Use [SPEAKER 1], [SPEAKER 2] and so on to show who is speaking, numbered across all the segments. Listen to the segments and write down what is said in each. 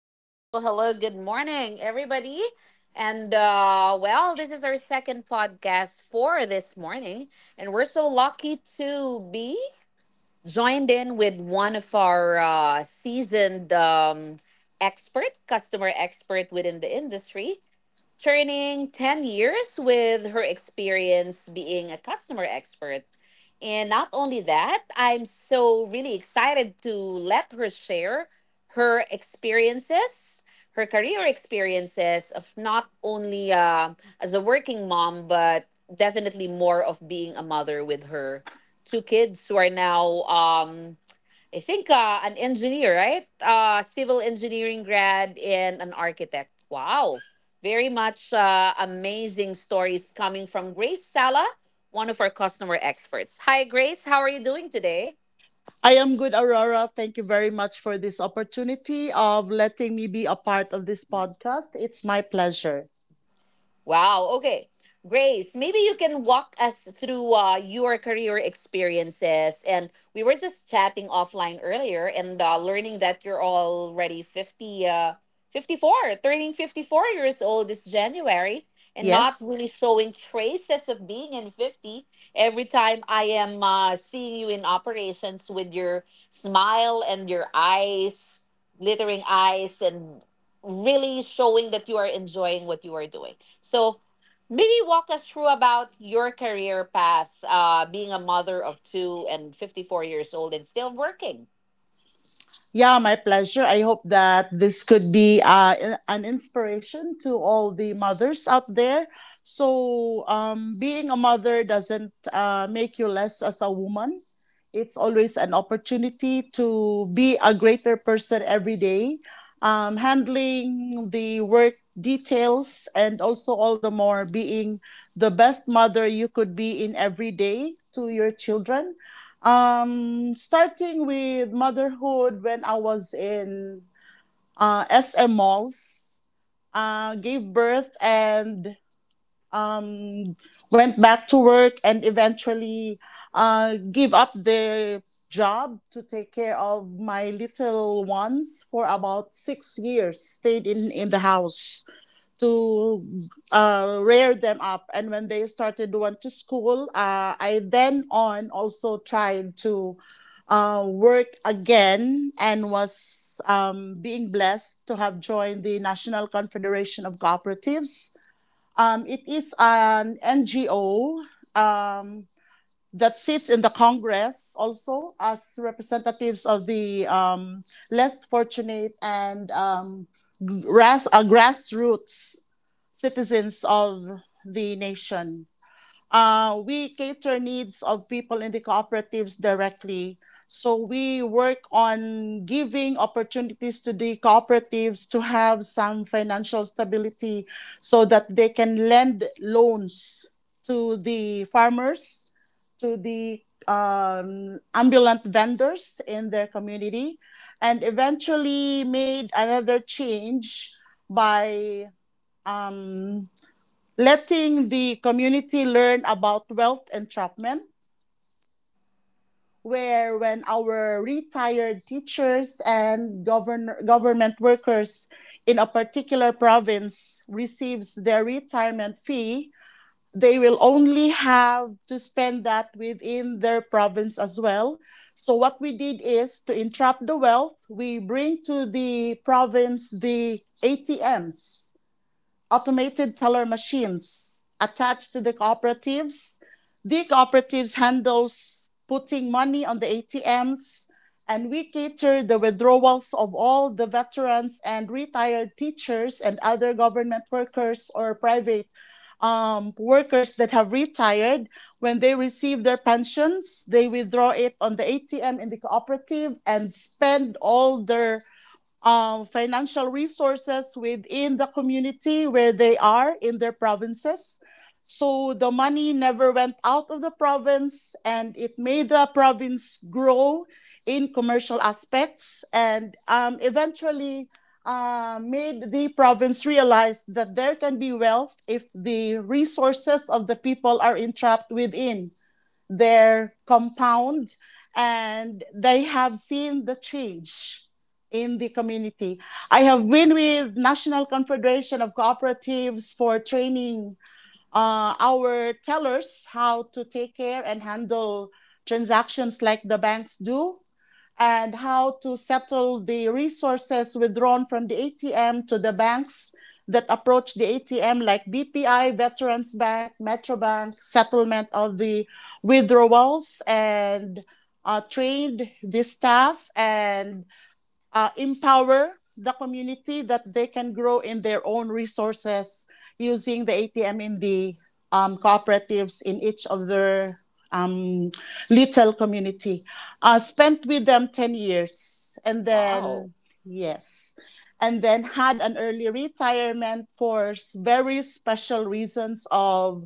[SPEAKER 1] Hello, hello, hello. Good morning, everybody. This is our second podcast for this morning, and we're so lucky to be joined in with one of our seasoned expert, customer expert within the industry, turning 10 years with her experience being a customer expert. And not only that, I'm so really excited to let her share her experiences, her career experiences of not only as a working mom, but definitely more of being a mother with her two kids who are now I think an engineer, right? Civil engineering grad and an architect. Wow. Very much amazing stories coming from Grace Sala, one of our customer experts. Hi, Grace. How are you doing today?
[SPEAKER 2] I am good, Aurora. Thank you very much for this opportunity of letting me be a part of this podcast. It's my pleasure.
[SPEAKER 1] Wow. Okay. Grace, maybe you can walk us through your career experiences. And we were just chatting offline earlier and learning that you're already 50, 54, turning 54 years old this January and not
[SPEAKER 2] Yes.
[SPEAKER 1] really showing traces of being in 50. Every time I am seeing you in operations with your smile and your eyes, glittering eyes, and really showing that you are enjoying what you are doing. So maybe walk us through about your career path, being a mother of two and 54 years old and still working.
[SPEAKER 2] Yeah, my pleasure. I hope that this could be an inspiration to all the mothers out there. So, being a mother doesn't make you less as a woman. It's always an opportunity to be a greater person every day, handling the work details and also all the more being the best mother you could be in every day to your children, starting with motherhood. When I was in SM malls, gave birth and um, went back to work and eventually gave up the job to take care of my little ones for about 6 years, stayed in the house to rear them up. And when they started went to school, I then on also tried to work again and was being blessed to have joined the National Confederation of Cooperatives. It is an NGO um, that sits in the Congress also as representatives of the less fortunate and grassroots citizens of the nation. We cater needs of people in the cooperatives directly. So we work on giving opportunities to the cooperatives to have some financial stability so that they can lend loans to the farmers, to the ambulant vendors in their community, and eventually made another change by um, letting the community learn about wealth entrapment, where when our retired teachers and government workers in a particular province receives their retirement fee, they will only have to spend that within their province as well. So what we did is to entrap the wealth. We bring to the province the ATMs, automated teller machines, attached to the cooperatives. The cooperatives handles putting money on the ATMs, and we cater the withdrawals of all the veterans and retired teachers and other government workers or private workers that have retired. When they receive their pensions, they withdraw it on the ATM in the cooperative and spend all their financial resources within the community where they are in their provinces. So the money never went out of the province, and it made the province grow in commercial aspects and eventually made the province realize that there can be wealth if the resources of the people are entrapped within their compound, and they have seen the change in the community. I have been with National Confederation of Cooperatives for training our tellers how to take care and handle transactions like the banks do and how to settle the resources withdrawn from the ATM to the banks that approach the ATM, like BPI, Veterans Bank, Metrobank, settlement of the withdrawals, and trained the staff and empower the community that they can grow in their own resources using the ATM in the cooperatives in each of their um, little community. I spent with them 10 years, and
[SPEAKER 1] Wow.
[SPEAKER 2] then, yes, and then had an early retirement for very special reasons of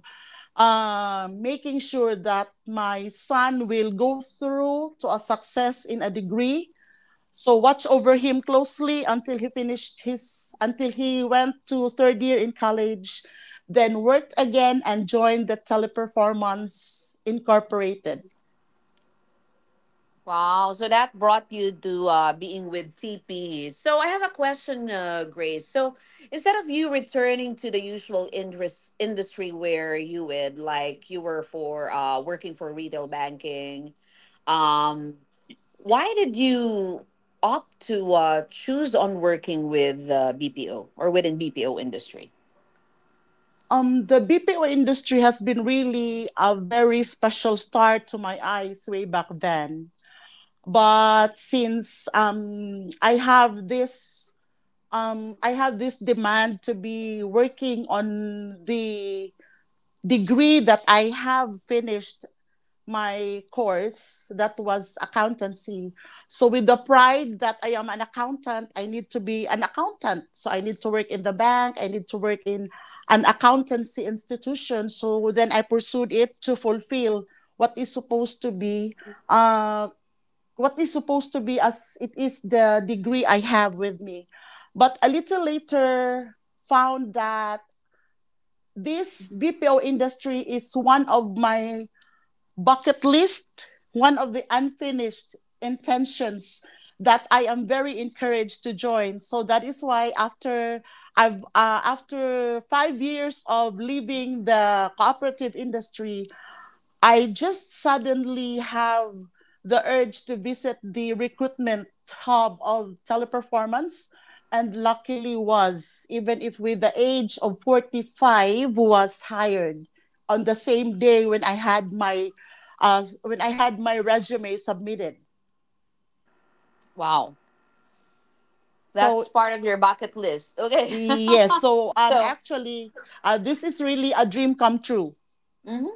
[SPEAKER 2] making sure that my son will go through to a success in a degree, so watch over him closely until he finished until he went to third year in college, then worked again and joined the Teleperformance Incorporated.
[SPEAKER 1] Wow. So that brought you to being with TP. So I have a question, Grace. So instead of you returning to the usual industry where you would, like you were, for working for retail banking, um why did you opt to choose on working with BPO or within BPO industry?
[SPEAKER 2] The BPO industry has been really a very special star to my eyes way back then. But since, I have this demand to be working on the degree that I have finished, my course that was accountancy. So with the pride that I am an accountant, I need to be an accountant. So I need to work in the bank. I need to work in an accountancy institution. So then I pursued it to fulfill what is supposed to be, uh, what is supposed to be as it is the degree I have with me. But a little later found that this BPO industry is one of my bucket list, one of the unfinished intentions that I am very encouraged to join. So that is why, after 5 years of leaving the cooperative industry, I just suddenly have the urge to visit the recruitment hub of Teleperformance, and luckily was, even if with the age of 45, was hired on the same day when I had my when I had my resume submitted.
[SPEAKER 1] Wow, that's
[SPEAKER 2] So
[SPEAKER 1] part of your bucket list. Okay.
[SPEAKER 2] yes, so
[SPEAKER 1] So
[SPEAKER 2] actually this is really a dream come true.
[SPEAKER 1] mhm,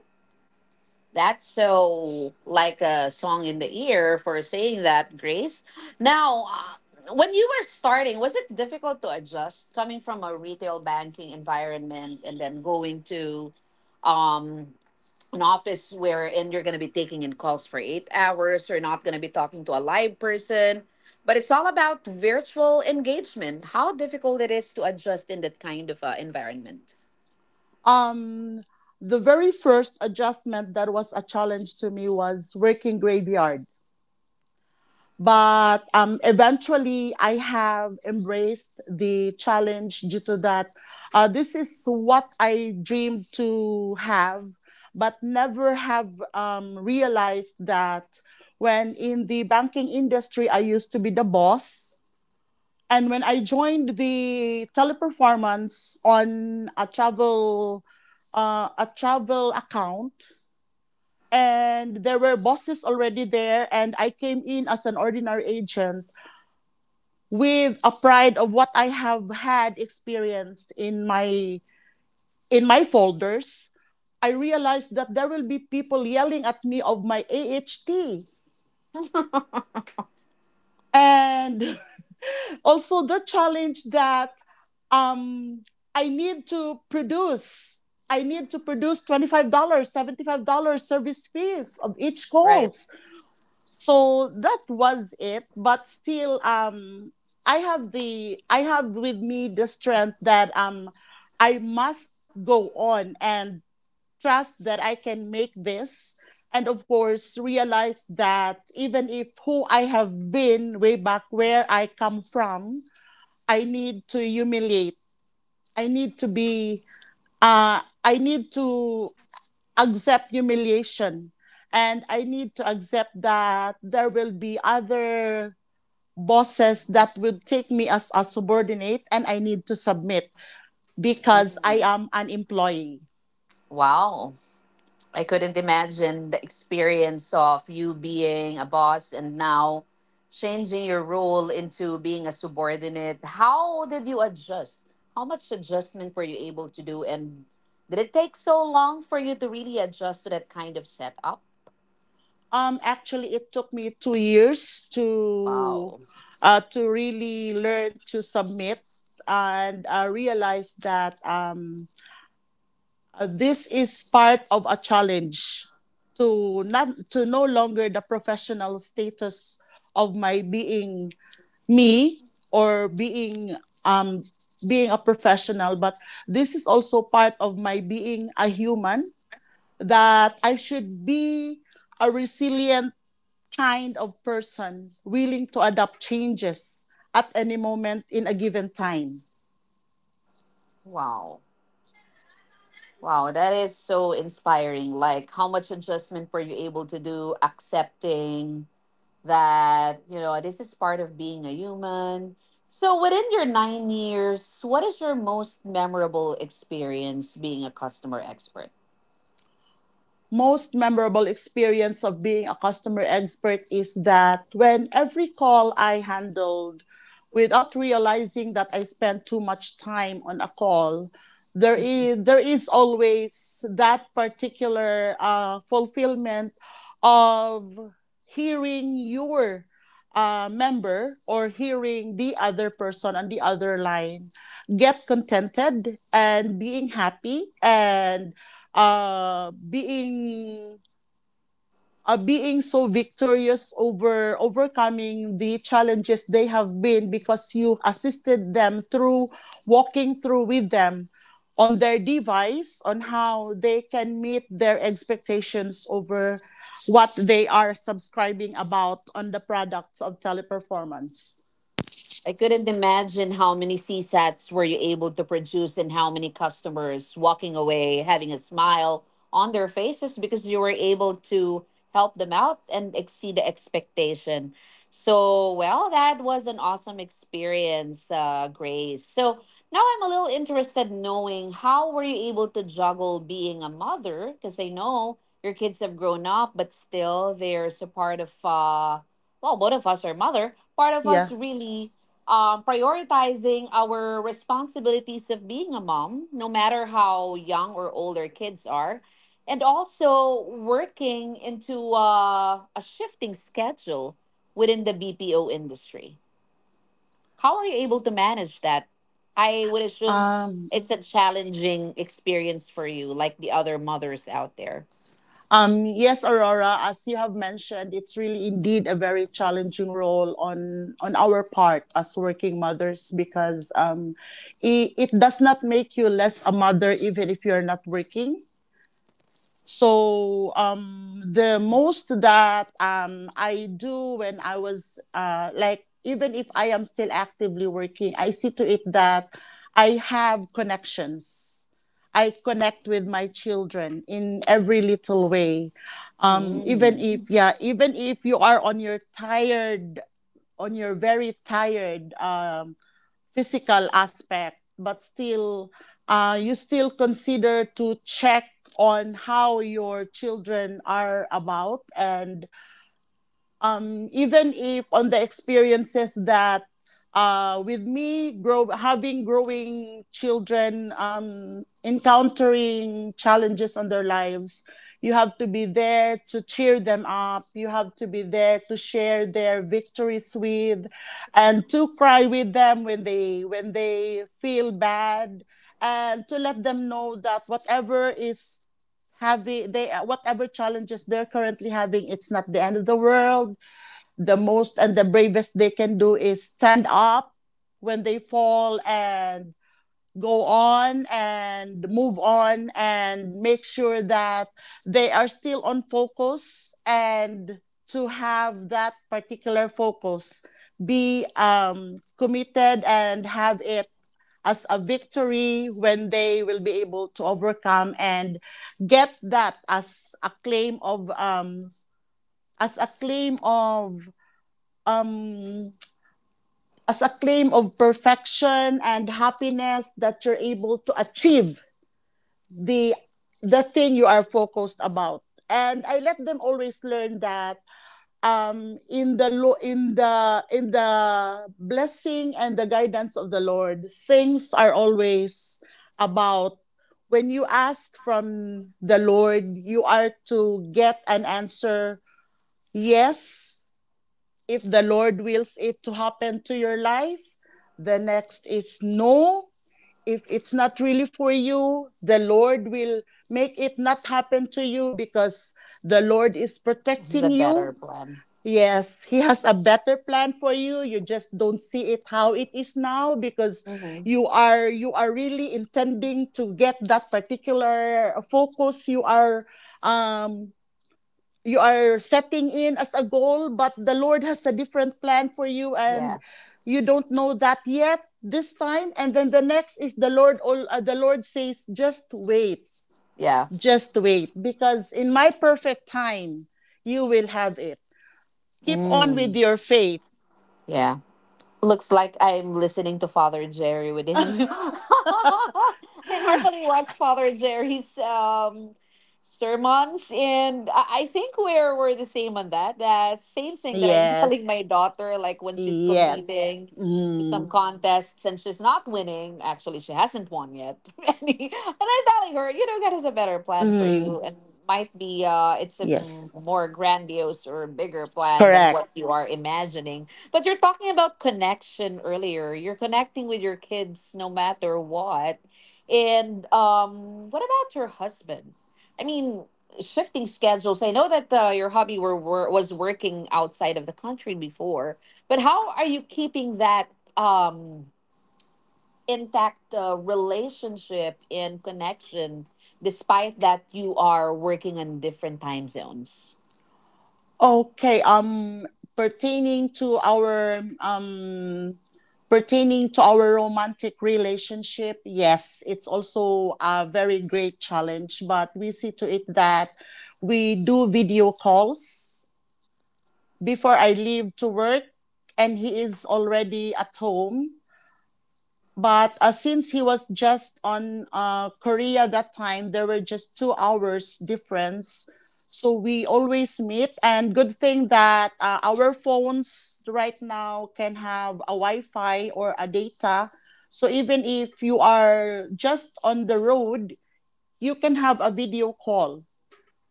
[SPEAKER 1] that's so like a song in the ear for saying that, Grace. Now, when you were starting, was it difficult to adjust coming from a retail banking environment and then going to um an office where, and you're going to be taking in calls for 8 hours, you're not going to be talking to a live person, but it's all about virtual engagement? How difficult it is to adjust in that kind of environment?
[SPEAKER 2] Um the very first adjustment that was a challenge to me was working graveyard, but eventually I have embraced the challenge due to that. This is what I dreamed to have, but never have realized that when in the banking industry, I used to be the boss. And when I joined the Teleperformance on a travel account, and there were bosses already there, and I came in as an ordinary agent with a pride of what I have had experienced in my folders, I realized that there will be people yelling at me of my AHT, and also the challenge that um, I need to produce I need to produce $25, dollars, $75 service fees of each
[SPEAKER 1] Right.
[SPEAKER 2] calls. So that was it, but still I have with me the strength that I must go on and trust that I can make this. And of course realize that even if who I have been way back where I come from, i need to humiliate i need to be I need to accept humiliation, and I need to accept that there will be other bosses that will take me as a subordinate, and I need to submit because I
[SPEAKER 1] Mm.
[SPEAKER 2] am an employee.
[SPEAKER 1] Wow. I couldn't imagine the experience of you being a boss and now changing your role into being a subordinate. How did you adjust? How much adjustment were you able to do? And did it take so long for you to really adjust to that kind of setup?
[SPEAKER 2] Actually, it took me 2 years
[SPEAKER 1] Wow.
[SPEAKER 2] to really learn to submit and realize that this is part of a challenge to not to no longer the professional status of my being me or um being a professional, but this is also part of my being a human, that I should be a resilient kind of person, willing to adapt changes at any moment in a given time.
[SPEAKER 1] Wow. Wow. That is so inspiring. Like, how much adjustment were you able to do? Accepting that, you know, this is part of being a human. So within your 9 years, what is your most memorable experience being a customer expert?
[SPEAKER 2] Most memorable experience of being a customer expert is that when every call I handled, without realizing that I spent too much time on a call, there is always that particular fulfillment of hearing your member, or hearing the other person on the other line get contented and being happy, and uh, being being so victorious overcoming the challenges they have been, because you assisted them through, walking through with them on their device on how they can meet their expectations over what they are subscribing about on the products of Teleperformance.
[SPEAKER 1] I couldn't imagine how many CSATs were you able to produce, and how many customers walking away having a smile on their faces because you were able to help them out and exceed the expectation. So, well, that was an awesome experience, Grace. So now I'm a little interested knowing how were you able to juggle being a mother? Because I know your kids have grown up, but still there's a part of, well, both of us are mother. Part of
[SPEAKER 2] Yeah,
[SPEAKER 1] us really prioritizing our responsibilities of being a mom, no matter how young or old our kids are, and also working into a shifting schedule within the BPO industry. How are you able to manage that? I would assume
[SPEAKER 2] um
[SPEAKER 1] it's a challenging experience for you, like the other mothers out there.
[SPEAKER 2] Yes, Aurora. As you have mentioned, it's really indeed a very challenging role on our part as working mothers, because it does not make you less a mother, even if you're not working. So the most that I do, when I was like, even if I am still actively working, I see to it that I have connections. I connect with my children in every little way. Even if,
[SPEAKER 1] Mm,
[SPEAKER 2] yeah, even if you are on on your very tired, physical aspect, but still, you still consider to check on how your children are about. And even if, on the experiences that with me grow, having growing children encountering challenges on their lives, you have to be there to cheer them up, you have to be there to share their victories with, and to cry with them when they feel bad, and to let them know that whatever challenges they're currently having, it's not the end of the world. The most and the bravest they can do is stand up when they fall and go on and move on, and make sure that they are still on focus, and to have that particular focus be committed, and have it as a victory when they will be able to overcome and get that as a claim of as a claim of um, as a claim of perfection and happiness, that you're able to achieve the the thing you are focused about. And I let them always learn that, in the blessing and the guidance of the Lord, things are always about: when you ask from the Lord, you are to get an answer. Yes, if the Lord wills it to happen to your life. The next is no, if it's not really for you, the Lord will make it not happen to you, because the Lord is
[SPEAKER 1] this is a
[SPEAKER 2] protecting
[SPEAKER 1] better
[SPEAKER 2] you.
[SPEAKER 1] plan.
[SPEAKER 2] Yes, He has a better plan for you. You just don't see it how it is now because
[SPEAKER 1] Hmm.
[SPEAKER 2] you are really intending to get that particular focus. Um, you are setting in as a goal, but the Lord has a different plan for you and
[SPEAKER 1] Yeah,
[SPEAKER 2] you don't know that yet this time. And then the next is the Lord, the Lord says,
[SPEAKER 1] yeah.
[SPEAKER 2] just wait, because in my perfect time, you will have it. Keep on with
[SPEAKER 1] Mm,
[SPEAKER 2] your faith.
[SPEAKER 1] yeah. Looks like I'm listening to Father Jerry within you. I normally watch Father Jerry's sermons, and I think we're the same on that. The same thing that I'm telling my
[SPEAKER 2] Yes.
[SPEAKER 1] daughter, like when she's
[SPEAKER 2] Yes.
[SPEAKER 1] competing to some
[SPEAKER 2] Mm.
[SPEAKER 1] contests and she's not winning. Actually, she hasn't won yet. And I'm telling her, you know, God has a better plan for you,
[SPEAKER 2] Mm.
[SPEAKER 1] and might be it's a
[SPEAKER 2] Yes.
[SPEAKER 1] more grandiose or bigger plan than
[SPEAKER 2] Correct.
[SPEAKER 1] what you are imagining. But you're talking about connection earlier. You're connecting with your kids no matter what. And what about your husband? I mean, shifting schedules. I know that your hobby were was working outside of the country before, but how are you keeping that um, intact relationship and connection despite that you are working in different time zones?
[SPEAKER 2] Okay. Pertaining to our romantic relationship, yes, it's also a very great challenge, but we see to it that we do video calls before I leave to work and he is already at home, but since he was just on Korea that time, there were just 2 hours difference. So we always meet, and good thing that our phones right now can have a Wi-Fi or a data. So even if you are just on the road, you can have a video call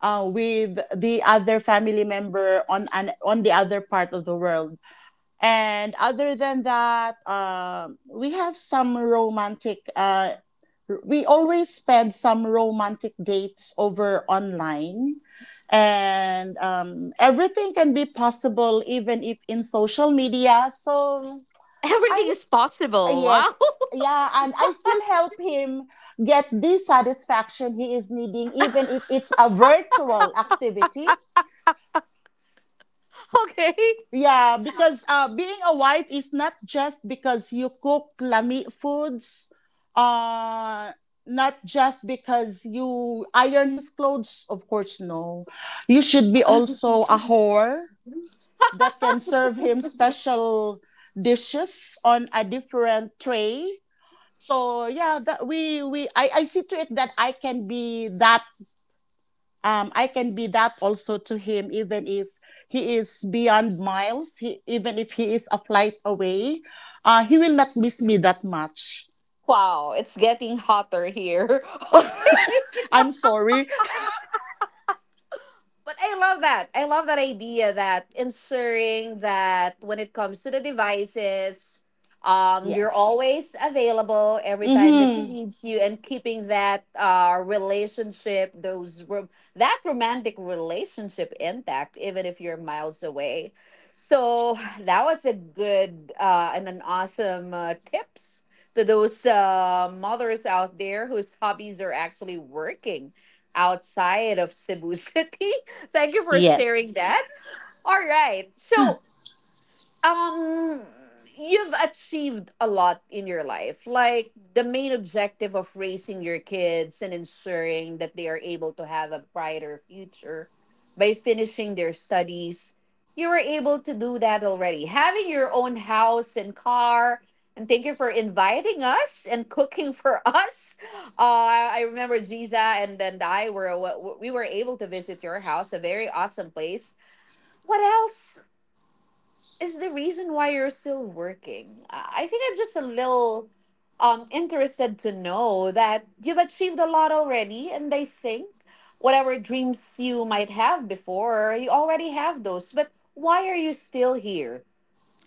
[SPEAKER 2] with the other family member on the other part of the world. And other than that, we have some romantic, we always spend some romantic dates over online. And everything can be possible, even if in social media. So
[SPEAKER 1] Everything
[SPEAKER 2] I,
[SPEAKER 1] is possible. Wow.
[SPEAKER 2] yes, yeah, and I still help him get the satisfaction he is needing, even if it's a virtual activity.
[SPEAKER 1] Okay.
[SPEAKER 2] Yeah, because being a wife is not just because you cook lami foods, uh, not just because you iron his clothes. Of course, no. You should be also a whore that can serve him special dishes on a different tray. So yeah, that I see to it that I can be that, I can be that also to him, even if he is beyond miles, he, even if he is a flight away, he will not miss me that much.
[SPEAKER 1] Wow, it's getting hotter here.
[SPEAKER 2] I'm
[SPEAKER 1] Okay.
[SPEAKER 2] sorry.
[SPEAKER 1] But I love that. I love that idea that ensuring that when it comes to the devices, you're
[SPEAKER 2] Yes.
[SPEAKER 1] always available every time that he
[SPEAKER 2] Mm-hmm.
[SPEAKER 1] needs you, and keeping that relationship, those rom that romantic relationship intact, even if you're miles away. So that was a good and an awesome tips to those mothers out there whose hobbies are actually working outside of Cebu City. Thank you for sharing
[SPEAKER 2] Yes.
[SPEAKER 1] that. All right. So, um you've achieved a lot in your life, like the main objective of raising your kids and ensuring that they are able to have a brighter future by finishing their studies. You were able to do that, already having your own house and car, and thank you for inviting us and cooking for us. I remember Giza and I were we were able to visit your house. A very awesome place. What else is the reason why you're still working? I think I'm just a little interested to know that you've achieved a lot already, and I think whatever dreams you might have before, you already have those. But why are you still here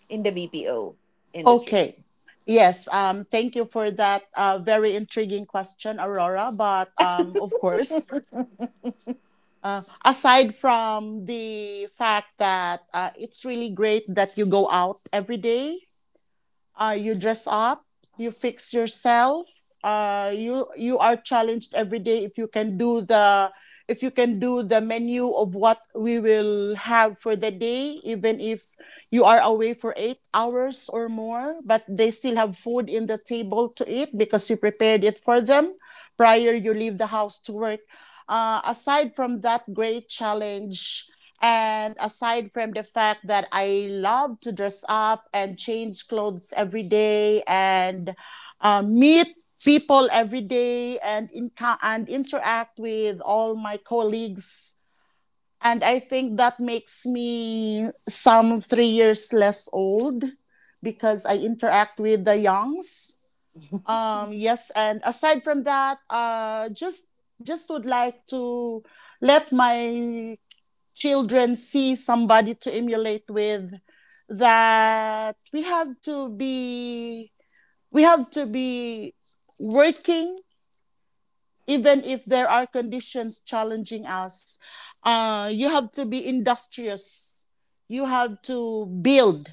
[SPEAKER 1] in the BPO industry?
[SPEAKER 2] Okay. Yes. Thank you for that very intriguing question, Aurora. But of course, aside from the fact that it's really great that you go out every day, you dress up, you fix yourself. You are challenged every day if you can do the menu of what we will have for the day, even if you are away for 8 hours or more, but they still have food in the table to eat because you prepared it for them prior you leave the house to work. Aside from that great challenge, and aside from the fact that I love to dress up and change clothes every day and meet people every day and interact with all my colleagues, and I think that makes me some 3 years less old because I interact with the youngs, yes, and aside from that, just would like to let my children see somebody to emulate with. That we have to be We have to be working even if there are conditions challenging us. You have to be industrious. You have to build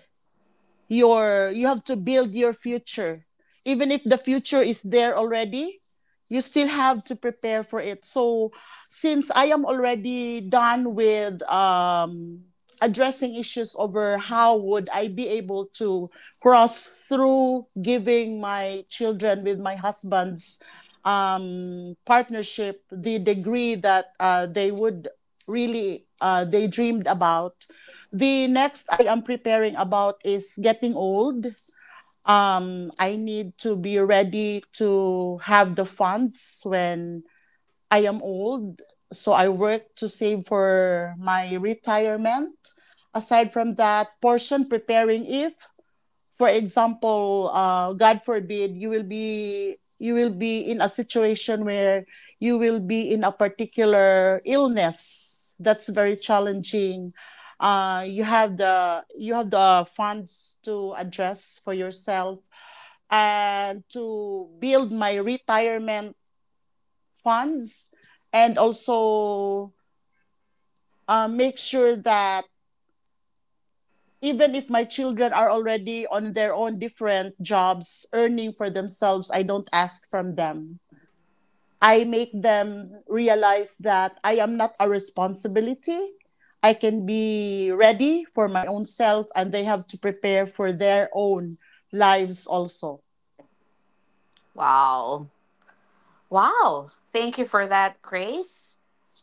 [SPEAKER 2] you have to build your future even if the future is there already. You still have to prepare for it. So since I am already done with addressing issues over how would I be able to cross through giving my children with my husband's partnership the degree that they would really they dreamed about, the next I am preparing about is getting old. I need to be ready to have the funds when I am old. So I work to save for my retirement. Aside from that, portion preparing if for example, God forbid, you will be, you will be in a situation where you will be in a particular illness that's very challenging. You have the funds to address for yourself and to build my retirement funds, and also make sure that even if my children are already on their own different jobs earning for themselves, I don't ask from them. I make them realize that I am not a responsibility. I can be ready for my own self, and they have to prepare for their own lives also.
[SPEAKER 1] Wow. Wow. Thank you for that, Grace.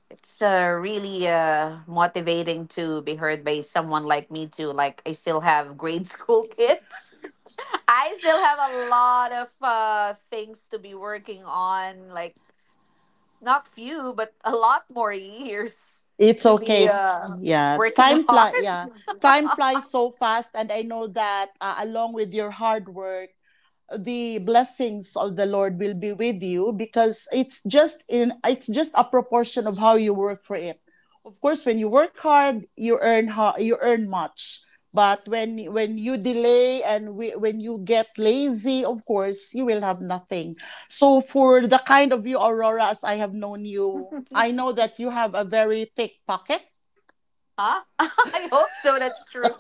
[SPEAKER 1] It's really motivating to be heard by someone like me too. Like I still have grade school kids. I still have a lot of things to be working on. Like not few, but a lot more years
[SPEAKER 2] It's
[SPEAKER 1] to be
[SPEAKER 2] okay. Yeah,
[SPEAKER 1] working
[SPEAKER 2] time fly
[SPEAKER 1] hard.
[SPEAKER 2] yeah time
[SPEAKER 1] Huh?
[SPEAKER 2] flies so fast, and I know that along with your hard work, the blessings of the Lord will be with you because it's just in, it's just a proportion of how you work for it. Of course, when you work hard, you earn you earn much. But when you delay, when you get lazy, of course, you will have nothing. So for the kind of you, Aurora, as I have known you, I know that you have a very thick pocket
[SPEAKER 1] I hope so. That's true.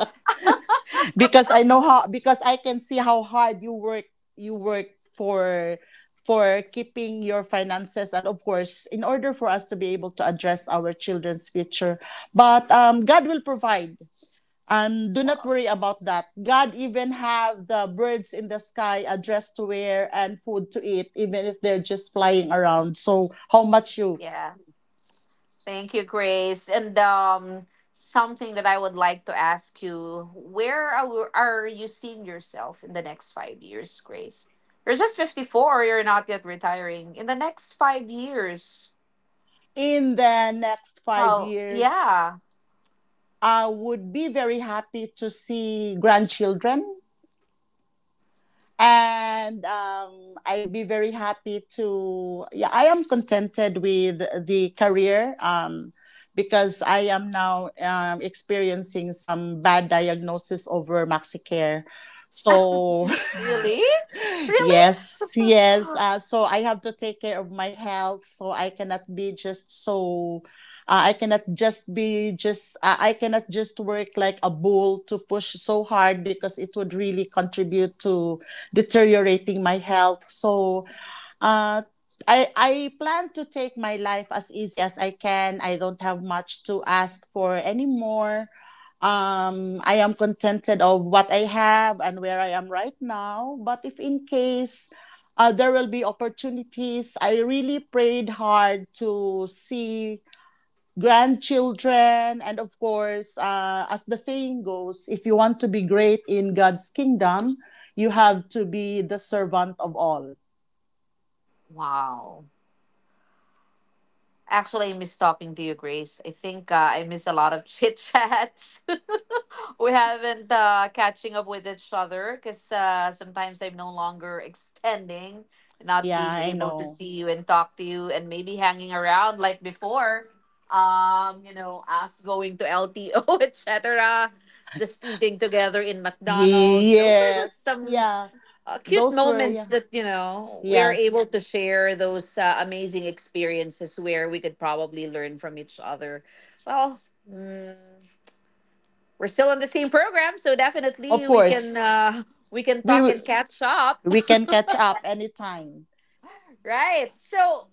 [SPEAKER 2] because I know how, because I can see how hard you work for for keeping your finances, and of course in order for us to be able to address our children's future. But God will provide and do not
[SPEAKER 1] Wow.
[SPEAKER 2] worry about that. God even have the birds in the sky a dress to wear and food to eat even if they're just flying around. So how much you?
[SPEAKER 1] Yeah. Thank you, Grace. And something that I would like to ask you: where are you seeing yourself in the next 5 years, Grace? You're just 54. You're not yet retiring. In the next 5 years,
[SPEAKER 2] In the next five
[SPEAKER 1] how?
[SPEAKER 2] years
[SPEAKER 1] Yeah,
[SPEAKER 2] I would be very happy to see grandchildren, and I'd be very happy to. Yeah, I am contented with the career, because I am now experiencing some bad diagnosis over MaxiCare. So
[SPEAKER 1] really, really.
[SPEAKER 2] yes, yes. So I have to take care of my health. So I cannot just be I cannot just work like a bull to push so hard because it would really contribute to deteriorating my health. So uh, I plan to take my life as easy as I can. I don't have much to ask for anymore. I am contented of what I have and where I am right now. But if in case there will be opportunities, I really prayed hard to see grandchildren, and of course as the saying goes, if you want to be great in God's kingdom, you have to be the servant of all.
[SPEAKER 1] Wow. Actually, I miss talking to you, Grace. I think I miss a lot of chit chat. We haven't catching up with each other because sometimes I'm no longer extending, not
[SPEAKER 2] Yeah,
[SPEAKER 1] being
[SPEAKER 2] I
[SPEAKER 1] able to
[SPEAKER 2] know.
[SPEAKER 1] see you and talk to you, and maybe hanging around like before. You know, us going to LTO, etc. Just eating together in McDonald's. Those are just
[SPEAKER 2] Yes,
[SPEAKER 1] some
[SPEAKER 2] yeah.
[SPEAKER 1] cute
[SPEAKER 2] Those were
[SPEAKER 1] moments
[SPEAKER 2] yeah,
[SPEAKER 1] that, you know, we're able
[SPEAKER 2] yes.
[SPEAKER 1] to share those amazing experiences where we could probably learn from each other. Well. Mm, we're still on the same program, so
[SPEAKER 2] Of
[SPEAKER 1] definitely
[SPEAKER 2] course,
[SPEAKER 1] we can
[SPEAKER 2] we
[SPEAKER 1] talk
[SPEAKER 2] w-
[SPEAKER 1] and catch up,
[SPEAKER 2] we can catch up anytime.
[SPEAKER 1] right? So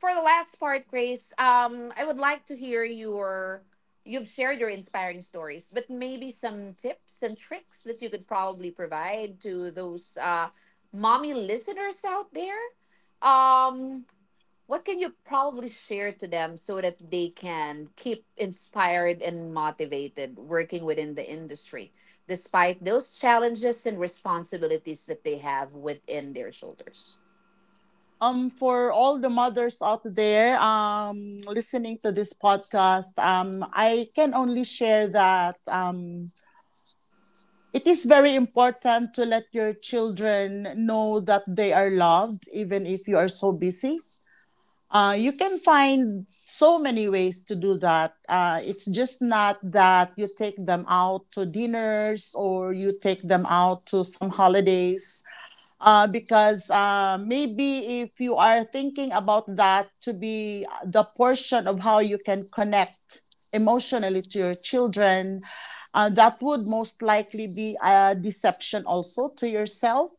[SPEAKER 1] for the last part, Grace, I would like to hear your— you've shared your inspiring stories, but maybe some tips and tricks that you could probably provide to those mommy listeners out there. Um, What can you probably share to them so that they can keep inspired and motivated working within the industry despite those challenges and responsibilities that they have within their shoulders?
[SPEAKER 2] For all the mothers out there, listening to this podcast, I can only share that it is very important to let your children know that they are loved, even if you are so busy. You can find so many ways to do that. It's just not that you take them out to dinners or you take them out to some holidays, because maybe if you are thinking about that to be the portion of how you can connect emotionally to your children, that would most likely be a deception also to yourself.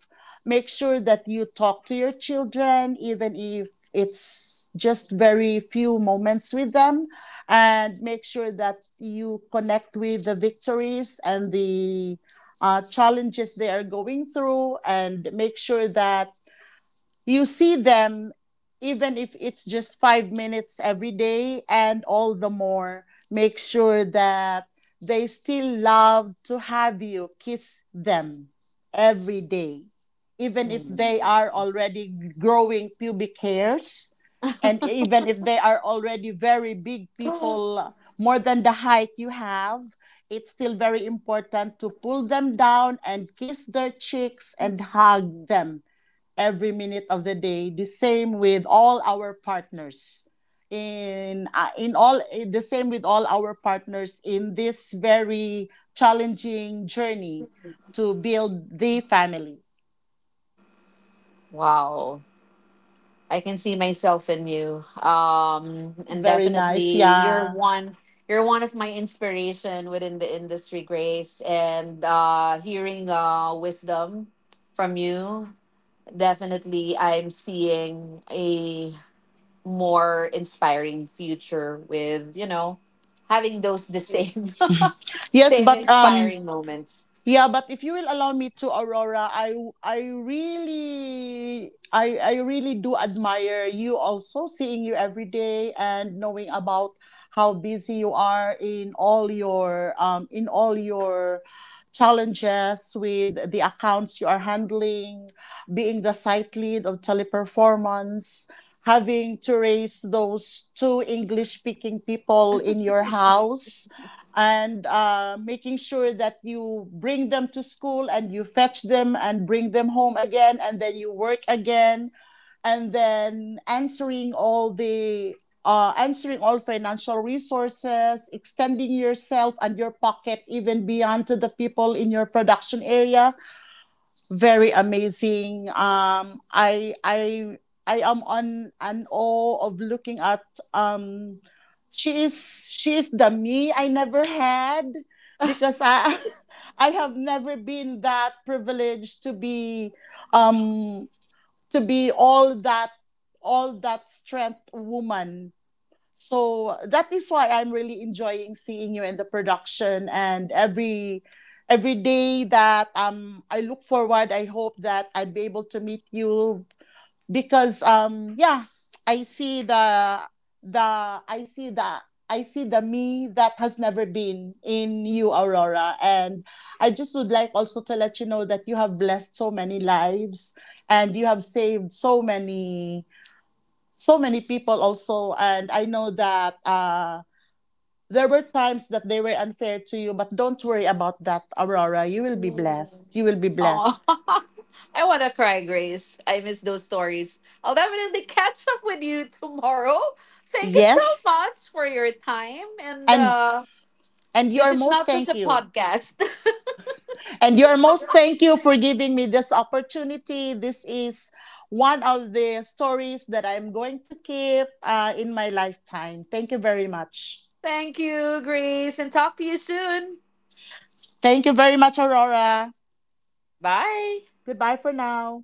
[SPEAKER 2] Make sure that you talk to your children, even if it's just very few moments with them, and make sure that you connect with the victories and the challenges they are going through, and make sure that you see them even if it's just 5 minutes every day, and all the more make sure that they still love to have you kiss them every day even if they
[SPEAKER 1] Hmm.
[SPEAKER 2] are already growing pubic hairs, and even if they are already very big people more than the height you have, it's still very important to pull them down and kiss their cheeks and hug them every minute of the day. The same with all our partners in, the same with all our partners in this very challenging journey to build the family.
[SPEAKER 1] Wow. I can see myself in you. And
[SPEAKER 2] Very nice,
[SPEAKER 1] definitely you're
[SPEAKER 2] yeah.
[SPEAKER 1] one— you're one of my inspiration within the industry, Grace, and hearing wisdom from you, definitely I'm seeing a more inspiring future with, you know, having those— the same
[SPEAKER 2] Yes,
[SPEAKER 1] same
[SPEAKER 2] but
[SPEAKER 1] inspiring moments.
[SPEAKER 2] yeah, but if you will allow me to, Aurora, I really I really do admire you also, seeing you every day and knowing about how busy you are in all your challenges with the accounts you are handling, being the site lead of Teleperformance, having to raise those two English speaking people in your house, and making sure that you bring them to school and you fetch them and bring them home again, and then you work again, and then answering all financial resources, extending yourself and your pocket even beyond to the people in your production area. Very amazing, I am on an awe of looking at, um, she is the me I never had because I I have never been that privileged um to be all that strength woman. So that is why I'm really enjoying seeing you in the production, and every day that I look forward. I hope that I'd be able to meet you because yeah, I see the I see the me that has never been in you, Aurora, and I just would like also to let you know that you have blessed so many lives, and you have saved so many people also, and I know that there were times that they were unfair to you, but don't worry about that, Aurora. You will be blessed. You will be
[SPEAKER 1] Oh,
[SPEAKER 2] blessed.
[SPEAKER 1] I want to cry, Grace. I miss those stories. I'll definitely catch up with you tomorrow. Thank you so
[SPEAKER 2] Yes,
[SPEAKER 1] much for your time. And
[SPEAKER 2] and and you
[SPEAKER 1] this
[SPEAKER 2] are
[SPEAKER 1] is
[SPEAKER 2] most
[SPEAKER 1] not just
[SPEAKER 2] thank
[SPEAKER 1] a
[SPEAKER 2] you.
[SPEAKER 1] podcast.
[SPEAKER 2] And your most thank you for giving me this opportunity. This is one of the stories that I'm going to keep in my lifetime. Thank you very much.
[SPEAKER 1] Thank you, Grace, and talk to you soon.
[SPEAKER 2] Thank you very much, Aurora.
[SPEAKER 1] Bye.
[SPEAKER 2] Goodbye for now.